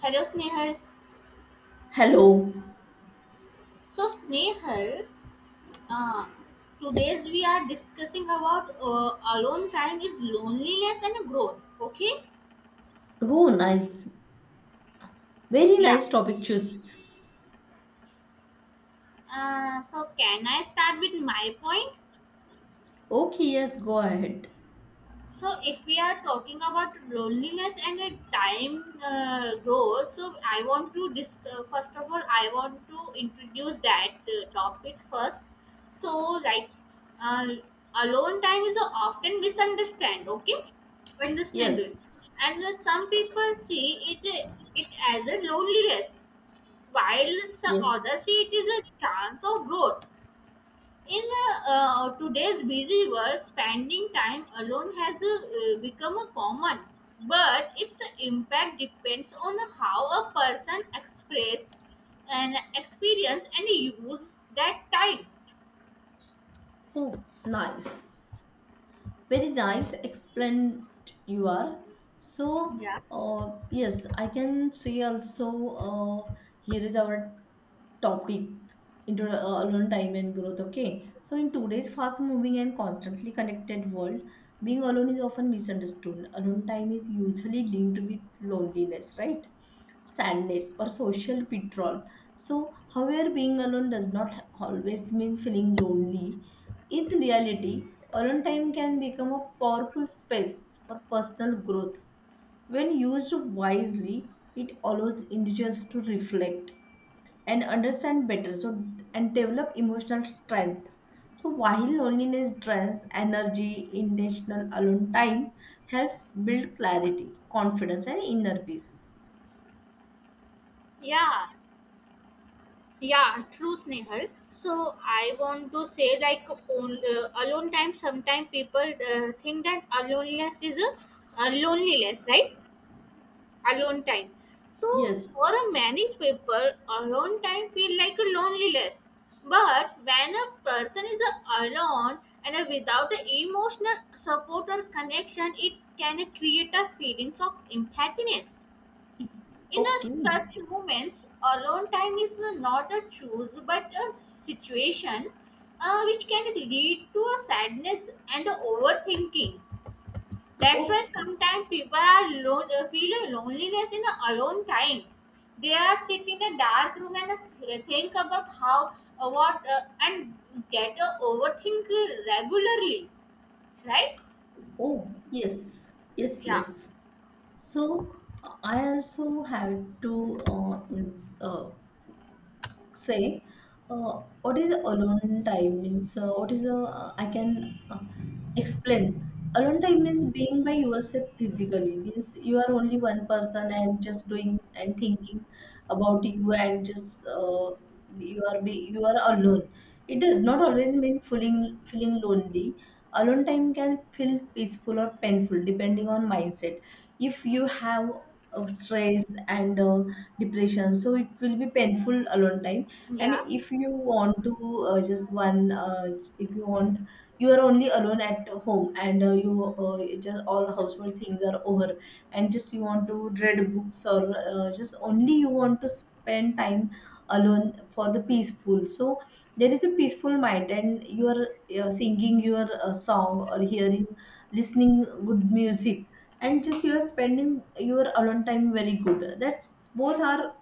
Hello, Snehal. Hello. So, Snehal, uh, today's we are discussing about alone time is loneliness and growth. Okay? Oh, nice. Very Yeah, nice topic choose. Can I start with my point? Okay, yes, go ahead. So if we are talking about loneliness and a time growth, so I want to first of all I want to introduce that topic first. So like uh, alone time is often misunderstood. Okay, understand it, Yes. and some people see it it as a loneliness, while some Yes. others see it is a chance of growth. In today's busy world, spending time alone has become a common, but its impact depends on how a person express and experience and use that time. Oh, nice. Very nice explained you are. So, Yeah, yes, I can say also here is our topic into alone time and growth. Okay, so in today's fast moving and constantly connected world, being alone is often misunderstood. Alone time is usually linked with loneliness, right, sadness or social withdrawal. So however, being alone does not always mean feeling lonely. In reality, alone time can become a powerful space for personal growth when used wisely. It allows individuals to reflect and understand better. So and develop emotional strength. So while loneliness drains energy, intentional alone time helps build clarity, confidence and inner peace. yeah, yeah. True, Snehal. So I want to say like on, alone time. Sometimes people think that aloneness is a loneliness, right? Alone time. So for Yes. a many people, alone time feel like a loneliness. But when a person is alone and without a emotional support or connection, it can create a feelings of emptiness. In a Okay. such moments, alone time is not a choose but a situation which can lead to a sadness and a overthinking. That's why Okay. sometimes people are feel a loneliness in the alone time. They are sit in a dark room and think about how, what, and get overthink regularly, right? Oh, yes. Yes, Yeah. yes. So I also have to is say what is alone time means, what is, I can explain. Alone time means being by yourself physically, means you are only one person and just doing and thinking about you, and just you are alone. It does not always mean feeling lonely. Alone time can feel peaceful or painful depending on mindset. If you have stress and depression, so it will be painful alone time. And Yeah, if you want to just one, if you want, you are only alone at home and you just all household things are over, and just you want to read books, or just only you want to spend time alone for the peaceful. So there is a peaceful mind and you are singing your song or hearing, listening good music, and just you are spending your alone time very good. That's both are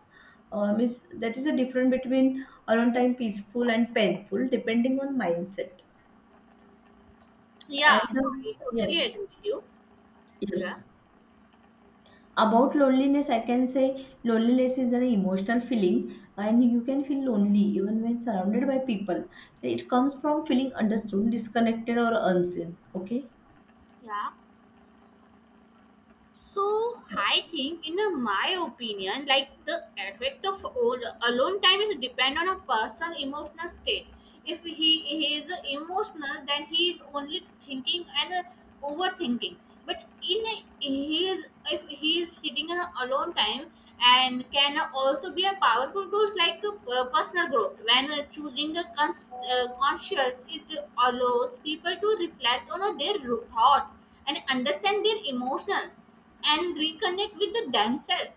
miss, that is a difference between alone time peaceful and painful depending on mindset. yeah, And I totally yes, agree with you. Yeah, yes. About loneliness, I can say loneliness is an emotional feeling, and you can feel lonely even when surrounded by people. It comes from feeling understood, disconnected, or unseen. Okay. yeah. So So, I think, in my opinion, like the effect of alone time is depend on a person' emotional state. If he, he is emotional, then he is only thinking and overthinking. But in a, he is if he is sitting in a alone time and can also be a powerful tools like a personal growth. When choosing a conscious, it allows people to reflect on their thought and understand their emotional and reconnect with the themselves,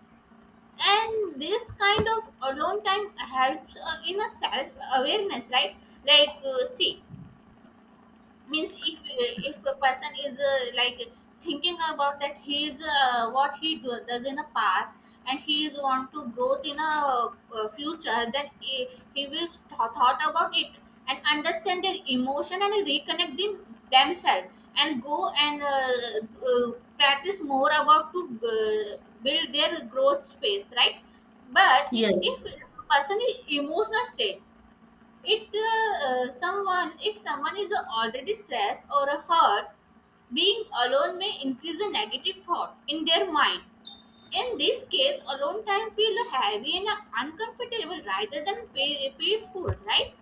and this kind of alone time helps in a self awareness, right? Like see means if a person is like thinking about that he is what he does in a past and he is want to growth in a future, then he will thought about it and understand their emotion and reconnect themselves and go and practice more about to build their growth space, right? But in, if yes. a person is emotional state, it someone if someone is already stressed or hurt, being alone may increase a negative thought in their mind. In this case alone time feel heavy and uncomfortable rather than peaceful, right?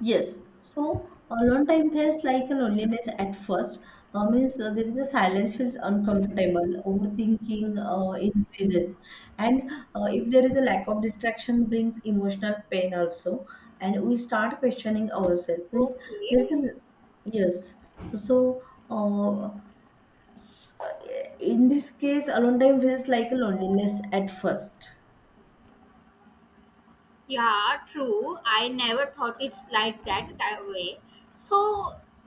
Yes, so alone time feels like a loneliness at first. Means there is a silence feels uncomfortable, overthinking increases, and if there is a lack of distraction, brings emotional pain also, and we start questioning ourselves. Means there is Okay. a, yes, so uh, s- in this case, alone time feels like a loneliness at first. Yeah, true, I never thought it's like that, that way. So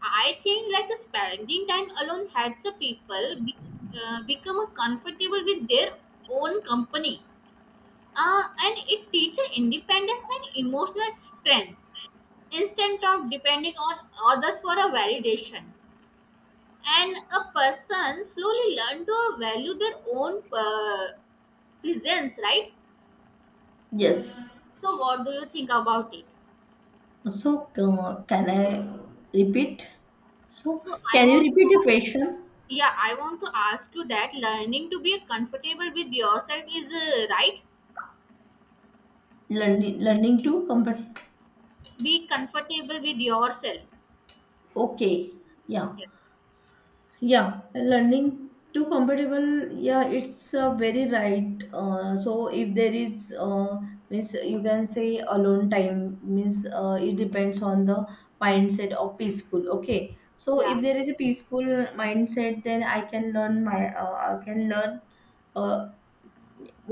I think like spending time alone helps the people become comfortable with their own company, and it teaches independence and emotional strength instead of depending on others for a validation, and a person slowly learn to value their own presence, right? Yes. So what do you think about it? So, can I repeat? So, so i can you want to repeat the question? yeah, I want to ask you that learning to be comfortable with yourself is right. Learning, learning to compare. Be comfortable with yourself. Okay, yeah, Yeah. yeah. Learning to compatible. Yeah, it's very right. So, if there is means, you can say alone time means it depends on the mindset of peaceful. Okay. So, if yeah there is a peaceful mindset, then I can learn my, I can learn uh,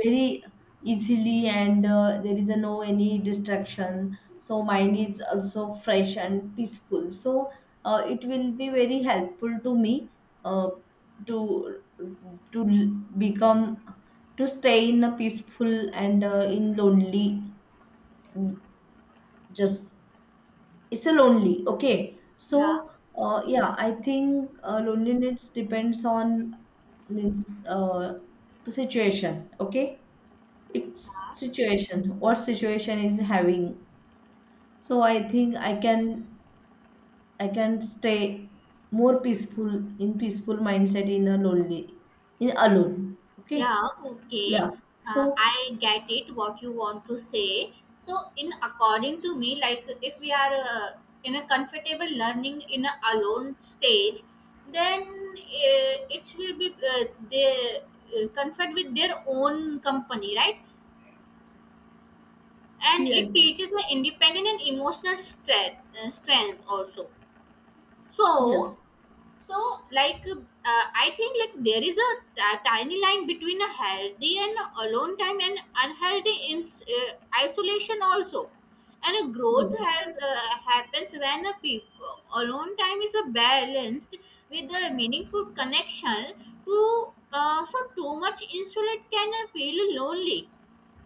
very easily, and there is a no any distraction, so mind is also fresh and peaceful. So it will be very helpful to me uh, to to become, to stay in a peaceful and in lonely, just it's a lonely. Okay, yeah so yeah, I think loneliness depends on, means situation. Okay, it's situation, what situation is having. So I think I can, I can stay more peaceful, in peaceful mindset, in a lonely, in alone. Okay, Yeah, yeah. okay. So I get it what you want to say. So, in according to me, like if we are in a comfortable learning in a alone stage, then it will be they comfort with their own company, right? And it yes, teaches the independent and emotional strength also. So, yes, so like I think like there is tiny line between a healthy and alone time and unhealthy in isolation also, and a yes, happens when a people alone time is a balanced with a meaningful connection to so too much insulate can feel lonely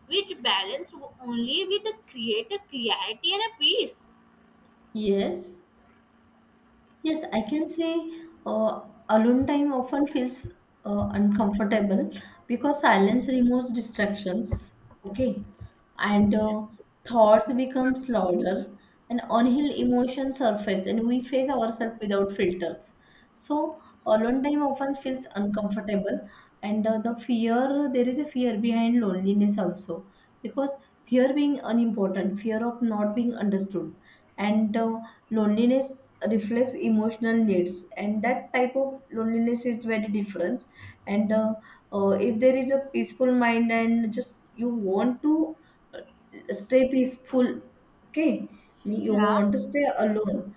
which balance only with the create a clarity and a peace. yes. Yes, I can say uh, alone time often feels uncomfortable because silence removes distractions. Okay, and Okay. Thoughts become louder, and unhealed emotions surface, and we face ourselves without filters. So alone time often feels uncomfortable, and the fear, there is a fear behind loneliness also, because fear being unimportant, fear of not being understood, and loneliness reflects emotional needs, and that type of loneliness is very different. And if there is a peaceful mind and just you want to stay peaceful, okay, you yeah want to stay alone,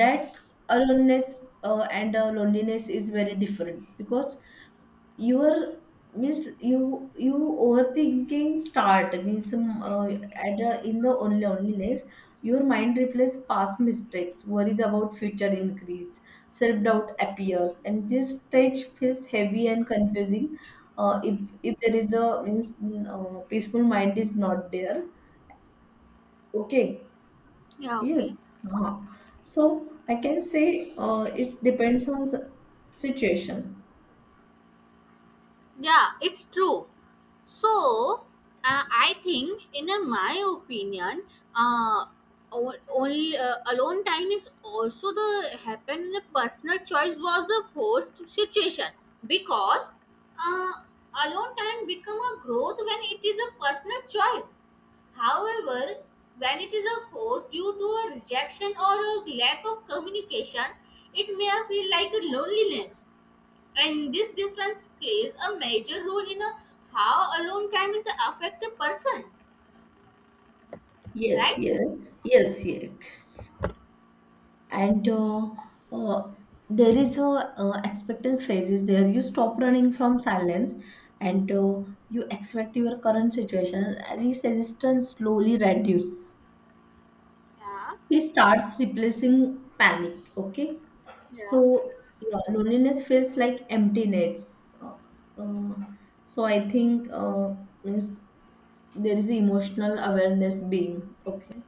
that's aloneness. And loneliness is very different because your, means you, you overthinking start, means at a, in the only loneliness, your mind replaces past mistakes, worries about future increase, self doubt appears, and this stage feels heavy and confusing. If there is a means peaceful mind is not there. Okay. yeah okay Yes. Uh-huh. So I can say it depends on the situation. Yeah, it's true. So, I think, in a, my opinion, uh, only alone time is also the happen. Personal choice was a forced situation because uh, alone time become a growth when it is a personal choice. However, when it is a force due to a rejection or a lack of communication, it may feel like a loneliness and this difference plays a major role in a, how alone can is affect a person, Yes, right? yes, yes, yes. And uh, there is a expectance phases, there you stop running from silence, and you expect your current situation, and this resistance slowly reduce. Yeah, It starts replacing panic, okay. yeah. So yeah, loneliness feels like emptiness. So, so I think means there is emotional awareness being, okay.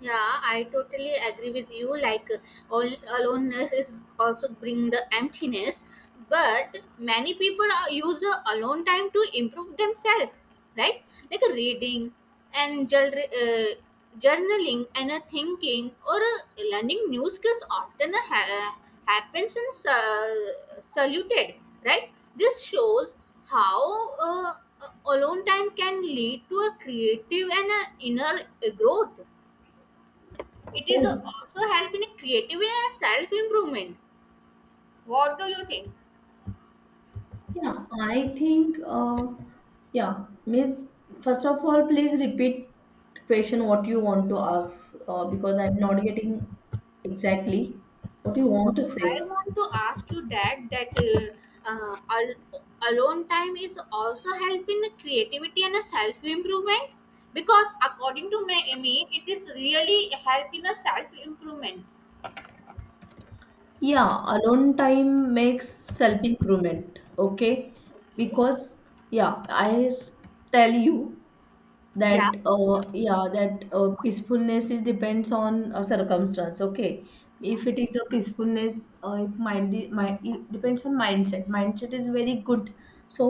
Yeah, I totally agree with you. Like, all aloneness is also bring the emptiness, but many people are, use the alone time to improve themselves, right? Like a reading and uh, journaling and a thinking or a learning new skills often happens and saluted, right? This shows how uh, alone time can lead to a creative and an inner growth. It is Oh. also helping in creativity and self improvement. What do you think? Yeah, I think, yeah, Miss, first of all, please repeat question what you want to ask, because I'm not getting exactly what you So want to say. I want to ask you that alone time is also helping in creativity and self improvement because according to my me, it is really helping the self improvement. Yeah, alone time makes self improvement, okay? Okay. Because, yeah, tell you. Yeah. That yeah, that peacefulness is depends on a circumstance, okay. Yeah. If it is a peacefulness, if mind, mind, it depends on mindset, mindset is very good. So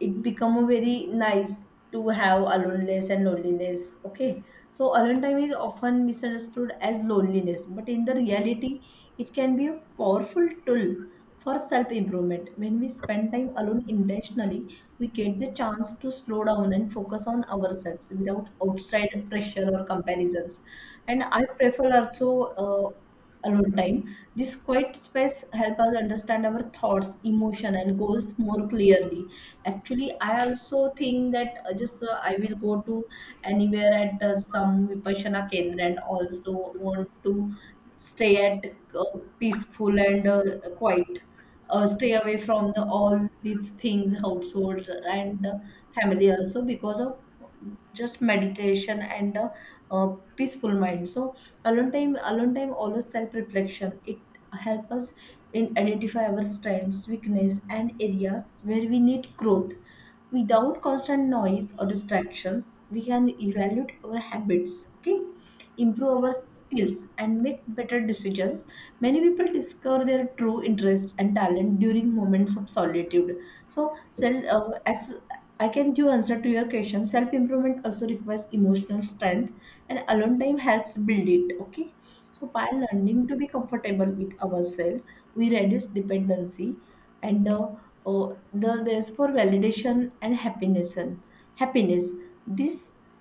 it become a very nice to have aloneness and loneliness, okay. So alone time is often misunderstood as loneliness, but in the reality it can be a powerful tool for self improvement. When we spend time alone intentionally, we get the chance to slow down and focus on ourselves without outside pressure or comparisons. And I prefer also alone time. This quiet space help us understand our thoughts, emotion, and goals more clearly. Actually, I also think that just I will go to anywhere at some Vipassana Kendra, and also want to stay at uh, peaceful and quiet, stay away from the all these things household and family also, because of just meditation and uh, peaceful mind. So alone time always self reflection. It help us in identify our strengths, weakness, and areas where we need growth. Without constant noise or distractions, we can evaluate our habits, okay, improve our skills, and make better decisions. Many people discover their true interest and talent during moments of solitude. So, self, as I can give answer to your question, self improvement also requires emotional strength, and alone time helps build it. Okay, so by learning to be comfortable with ourselves, we reduce dependency and oh, the there's for validation and happiness, and happiness. This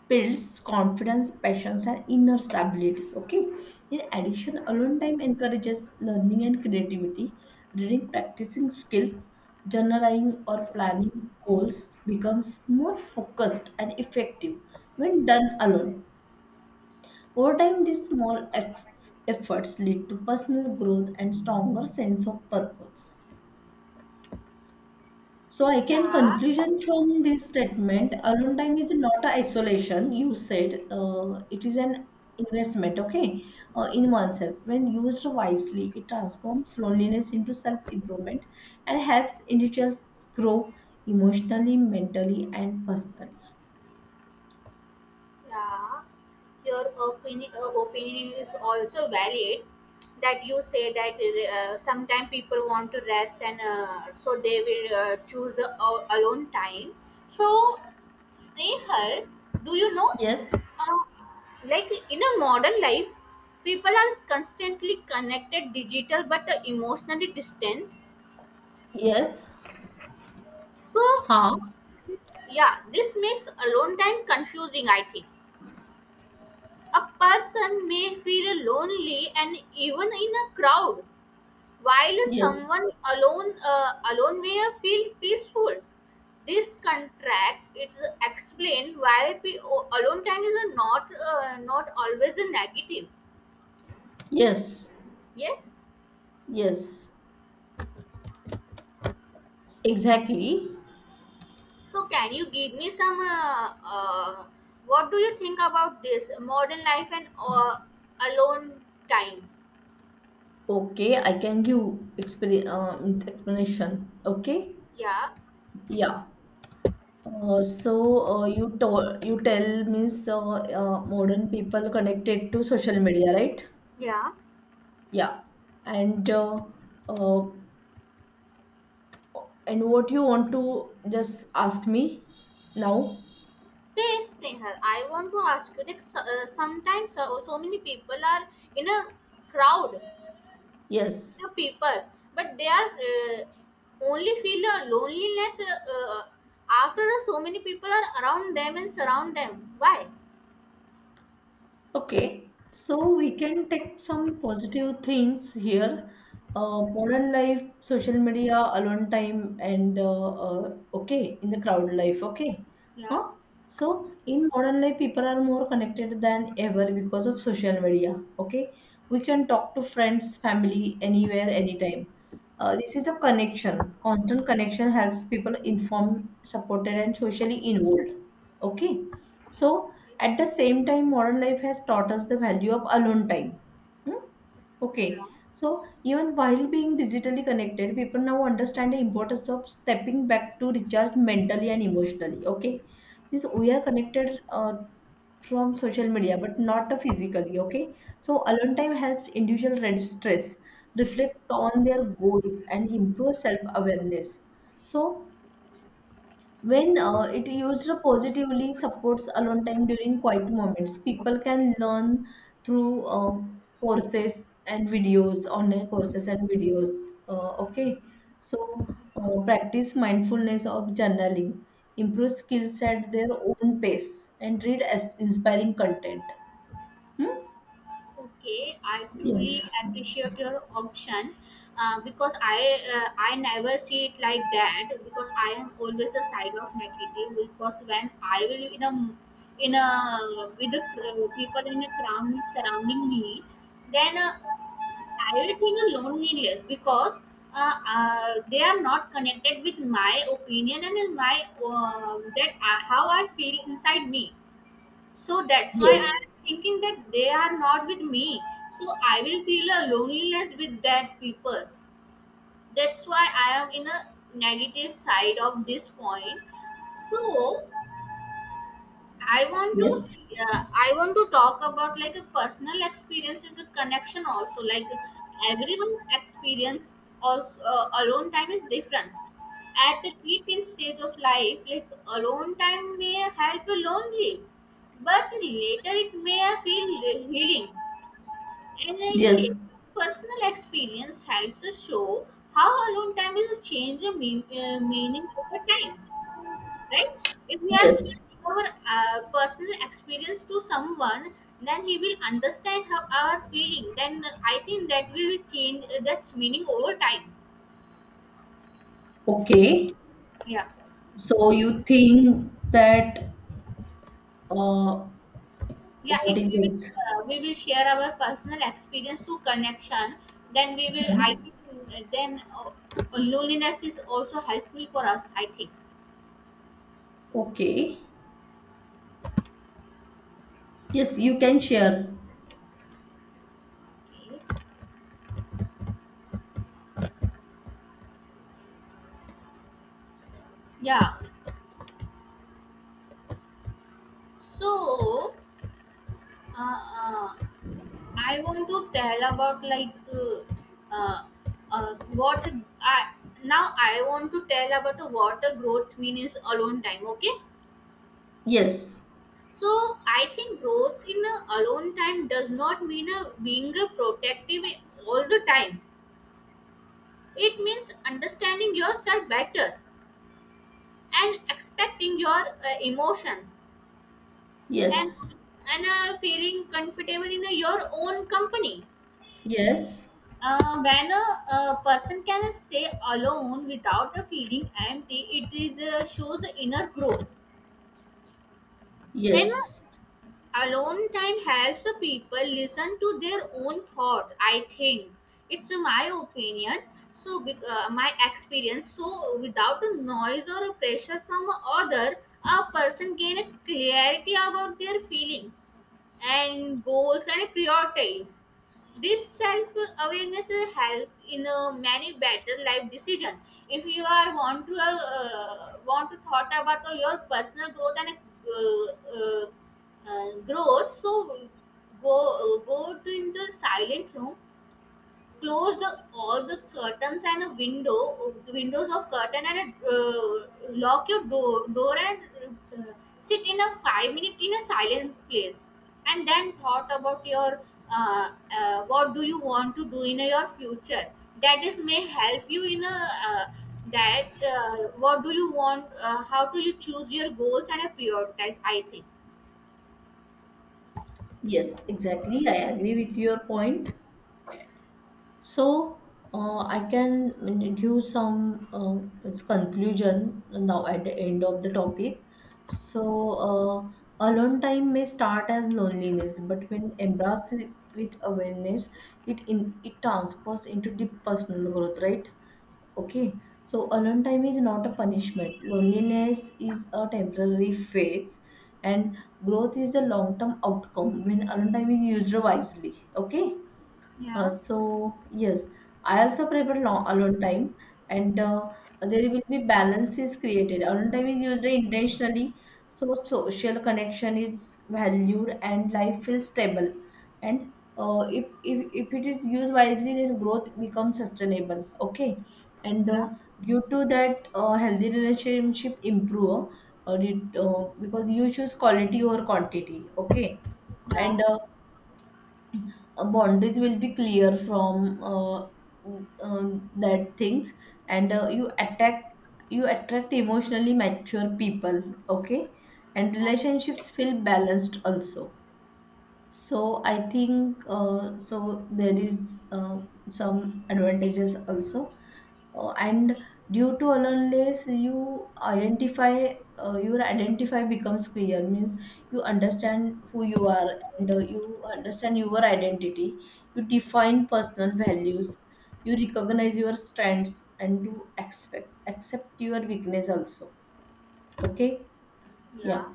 builds confidence, passions and inner stability, okay. In addition, alone time encourages learning and creativity. Reading, practicing skills, journaling or planning goals becomes more focused and effective when done alone. Over time, these small efforts lead to personal growth and stronger sense of purpose. So I can Yeah. conclusion from this statement, alone time is not a isolation. You said it is an investment, okay, in oneself. When used wisely, it transforms loneliness into self-improvement and helps individuals grow emotionally, mentally, and personally. Yeah, your opinion is also valid that you say that sometimes people want to rest and so they will choose alone time. So, Snehal, do you know, Yes, uh, like in a modern life, people are constantly connected, digital, but emotionally distant. yes. So, Huh? yeah, this makes alone time confusing, I think. A person may feel lonely and even in a crowd, while Yes, someone alone may feel peaceful. This contract is explained why alone time is a not not always a negative. yes, Yes. yes. Exactly. So can you give me some? What do you think about this modern life and alone time? Okay, I can give explain, means explanation. Okay, Yeah. yeah. So you told, you tell, means modern people connected to social media, right? Yeah. Yeah, and uh, uh, and what you want to just ask me now? Say Snehal, I want to ask you that sometimes so many people are in a crowd, Yes. in a people, but they are only feel a loneliness after so many people are around them and surround them. Why? Okay, so we can take some positive things here. Modern life, social media, alone time, and okay, in the crowd life, okay. Yeah, Huh? So, in modern life, people are more connected than ever because of social media, okay. We can talk to friends, family, anywhere, anytime. This is a connection. Constant connection helps people informed, supported, and socially involved, okay. So, at the same time, modern life has taught us the value of alone time. Hmm? Okay. yeah. So, even while being digitally connected, people now understand the importance of stepping back to recharge mentally and emotionally. Okay. Means we are connected from social media, but not physically. Okay. So, alone time helps individual reduce stress, reflect on their goals, and improve self awareness. So, when it used positively supports alone time during quiet moments, people can learn through courses and videos, online courses and videos. Okay, so practice mindfulness of journaling, improve skills at their own pace, and read as inspiring content. Hmm? Okay, I truly Yes, appreciate your option because I never see it like that because I am always a side of negative because when I will in a with the people in a crowd surrounding me, then I will feel a loneliness because they are not connected with my opinion and in my that how I feel inside me, so that's why yes, I'm thinking that they are not with me. So I will feel a loneliness with that people. That's why I am in a negative side of this point. So I want to yes, see, I want to talk about like a personal experience is a connection also, like everyone experience also alone time is different. At the creeping stage of life, like alone time may help you lonely, but later it may feel healing. And a yes, shared personal experience helps us show how alone time is a change of meaning over time, right? If we are speaking yes. our personal experience to someone, then he will understand how our feeling. Then I think that will change that's meaning over time. Okay, Yeah, so you think that uh, yeah. what If is we it? We will share our personal experience to connection, then we will. I think then loneliness is also helpful for us, I think. Okay. Yes, you can share. Okay. Yeah. So. Uh, uh, I want to tell about like uh, what I now I want to tell about what a growth means alone time. Okay, Yes. so I think growth in a alone time does not mean a being a protective all the time. It means understanding yourself better and expecting your emotions and Yes. and feeling comfortable in your own company. Yes. When a person can stay alone without feeling empty, it is shows inner growth. And Yes. alone time helps people listen to their own thought, I think. It's my opinion. So my experience. So without noise or pressure from other, a person gain clarity about their feeling and goals and priorities. This self-awareness will help in many better life decision. If you are want to thought about your personal growth and uh, uh, growth, so go to in the silent room, close the all the curtains and a windows of curtain and lock your door and uh, sit in a 5 minute in a silent place and then thought about your uh, what do you want to do in your future. That is may help you in a uh, that what do you want how do you choose your goals and prioritize, I think. Yes. Exactly. I agree with your point. So, I can give some its conclusion now at the end of the topic. So, alone time may start as loneliness, but when embraced with awareness, it in it transfers into deep personal growth, right? Okay, so alone time is not a punishment. Loneliness is a temporary phase, and growth is the long term outcome when alone time is used wisely. Okay, yeah so yes, I also prefer long, alone time, and there will be balances created. Alone time is used intentionally, so social connection is valued and life feels stable. And if it is used wisely, then growth becomes sustainable. Okay, and yeah due to that, healthy relationship improve. Because you choose quality over quantity. Okay, and yeah boundaries will be clear from that things, and you attract emotionally mature people, okay, and yeah relationships feel balanced also. So I think so there is some advantages also, and due to aloneness, you identify your identify becomes clear. Means you understand who you are, and you understand your identity. You define personal values. You recognize your strengths and to expect accept your weakness also. Okay, yeah, yeah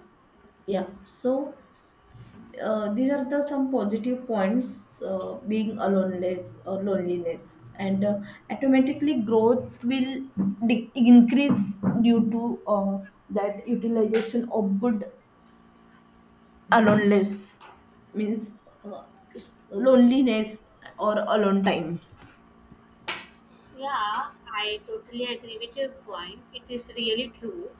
yeah. So these are the some positive points being aloneness or loneliness, and automatically growth will increase due to that utilization of good aloneness, means uh, loneliness or alone time. Yeah, I totally agree with your point. It is really true.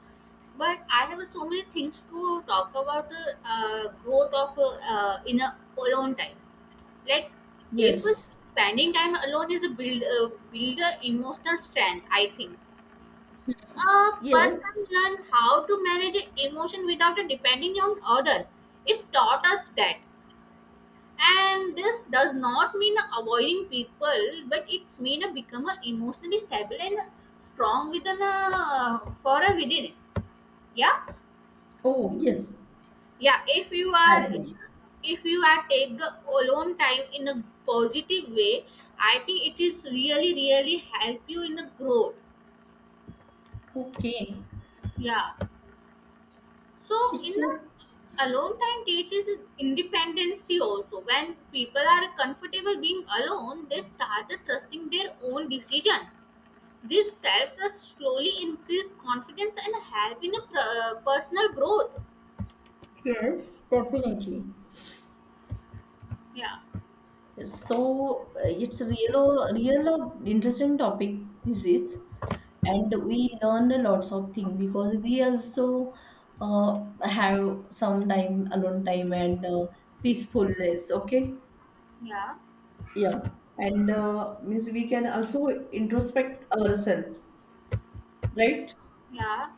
But I have so many things to talk about the growth of in a alone time. Like if Yes, spending time alone is a build a emotional strength, I think. A person yes. learn how to manage emotion without depending on other. It taught us that, and this does not mean avoiding people but it's mean a become a emotionally stable and strong within a for a within it. yeah Oh yes, yeah. I agree. If you are take the alone time in a positive way, I think it is really really help you in the growth. Okay, Yeah, so it's in just a alone time teaches independency also. When people are comfortable being alone, they start trusting their own decision. This self trust slowly increased confidence and help in a personal growth. yes, definitely. Yeah, So it's a real, real interesting topic this is, and we learn a lots of things, because we also have some time alone time and peacefulness. Okay, yeah, yeah. And means we can also introspect ourselves, right? yeah.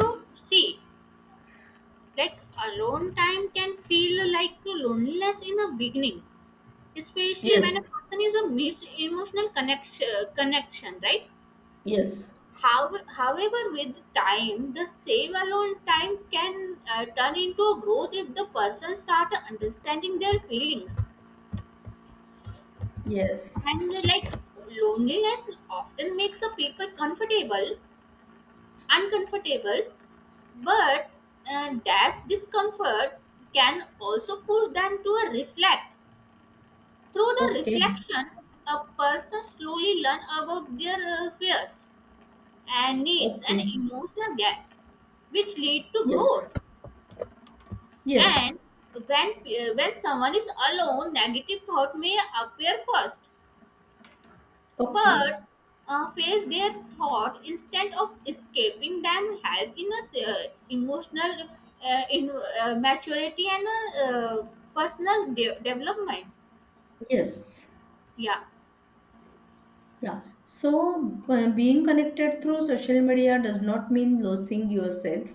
Yeah. see, like alone time can feel like loneliness in the beginning, especially when a Yes, person is a miss emotional connection, right? yes, How, however, with time, the same alone time can turn into a growth if the person start understanding their feelings. yes. And like loneliness often makes a people uncomfortable, but that discomfort can also push them to a reflect. Through the Okay, reflection, a person slowly learn about their fears and needs and okay, emotional gaps, which lead to yes, growth. yes, And when someone is alone, negative thought may appear first. okay, But face their thought instead of escaping them, help in a emotional in maturity and uh, personal development. yes. Yeah. Yeah. So, being connected through social media does not mean losing yourself.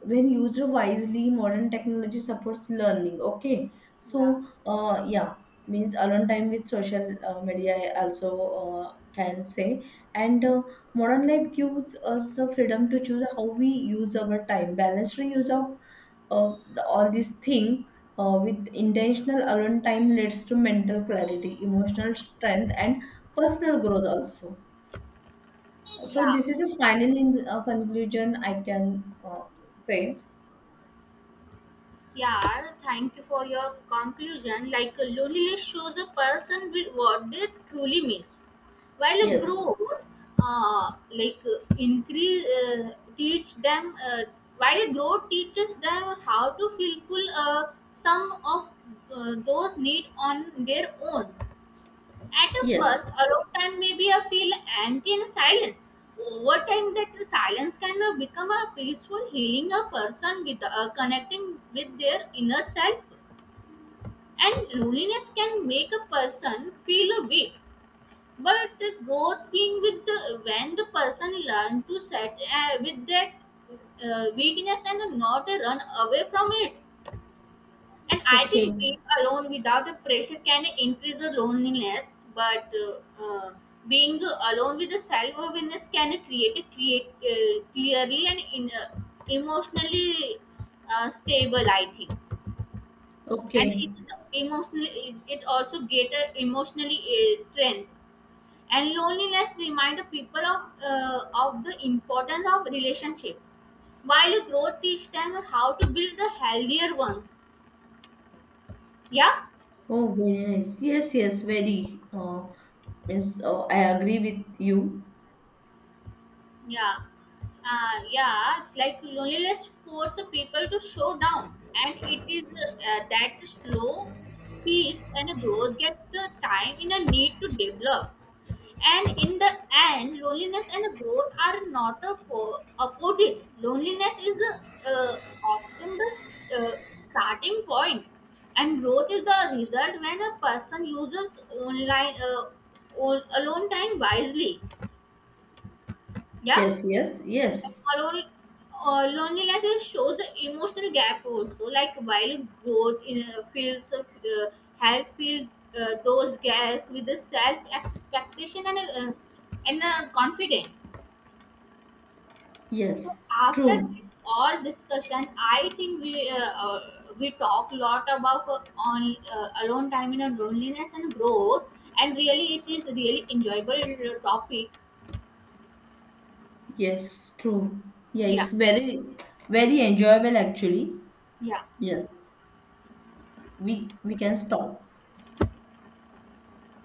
When used wisely, modern technology supports learning. Okay, Yeah. so yeah, means alone time with social media, I also can say, and modern life gives us the freedom to choose how we use our time. Balanced use of the, all these thing, with intentional alone time leads to mental clarity, emotional strength, and personal growth also. So Yeah, this is a final in, conclusion I can say. yeah. Thank you for your conclusion. Like loneliness shows a person with what they truly miss. While a Yes. grown like increase teach them While a grown teaches them how to fulfill some of those need on their own. At a Yes. first alone time maybe I feel empty and silence. Over time that silence can become a peaceful, healing a person with connecting with their inner self. And loneliness can make a person feel weak, but growth being with the when the person learn to set with that weakness and not run away from it. And I Okay. think being alone without a pressure can increase the loneliness, but uh, uh, being alone with the self awareness can create clearly and emotionally stable, I think. And it Okay. emotionally it also get a emotionally strength. And loneliness remind the people of the importance of relationship, while growth teach them how to build the healthier ones. yeah Oh, very nice. Yes, yes, very. Means, I agree with you. yeah yeah, it's like loneliness forces people to slow down, and it is that slow peace, and growth gets the time in a need to develop. And in the end, loneliness and growth are not a opposite. Loneliness is uh, often the uh, starting point, and growth is the result when a person uses online alone time wisely. Yeah, Yes, yes, yes. alone. Loneliness shows the emotional gap also. Like while growth feels help fill those gaps with the self expectation and confident. So Yes, after true. this all discussion, I think we talk a lot about on alone time and loneliness and growth, and really it is really enjoyable topic. Yes, true. Yeah, it's Yeah, very, very enjoyable actually. yeah. Yes, we can stop.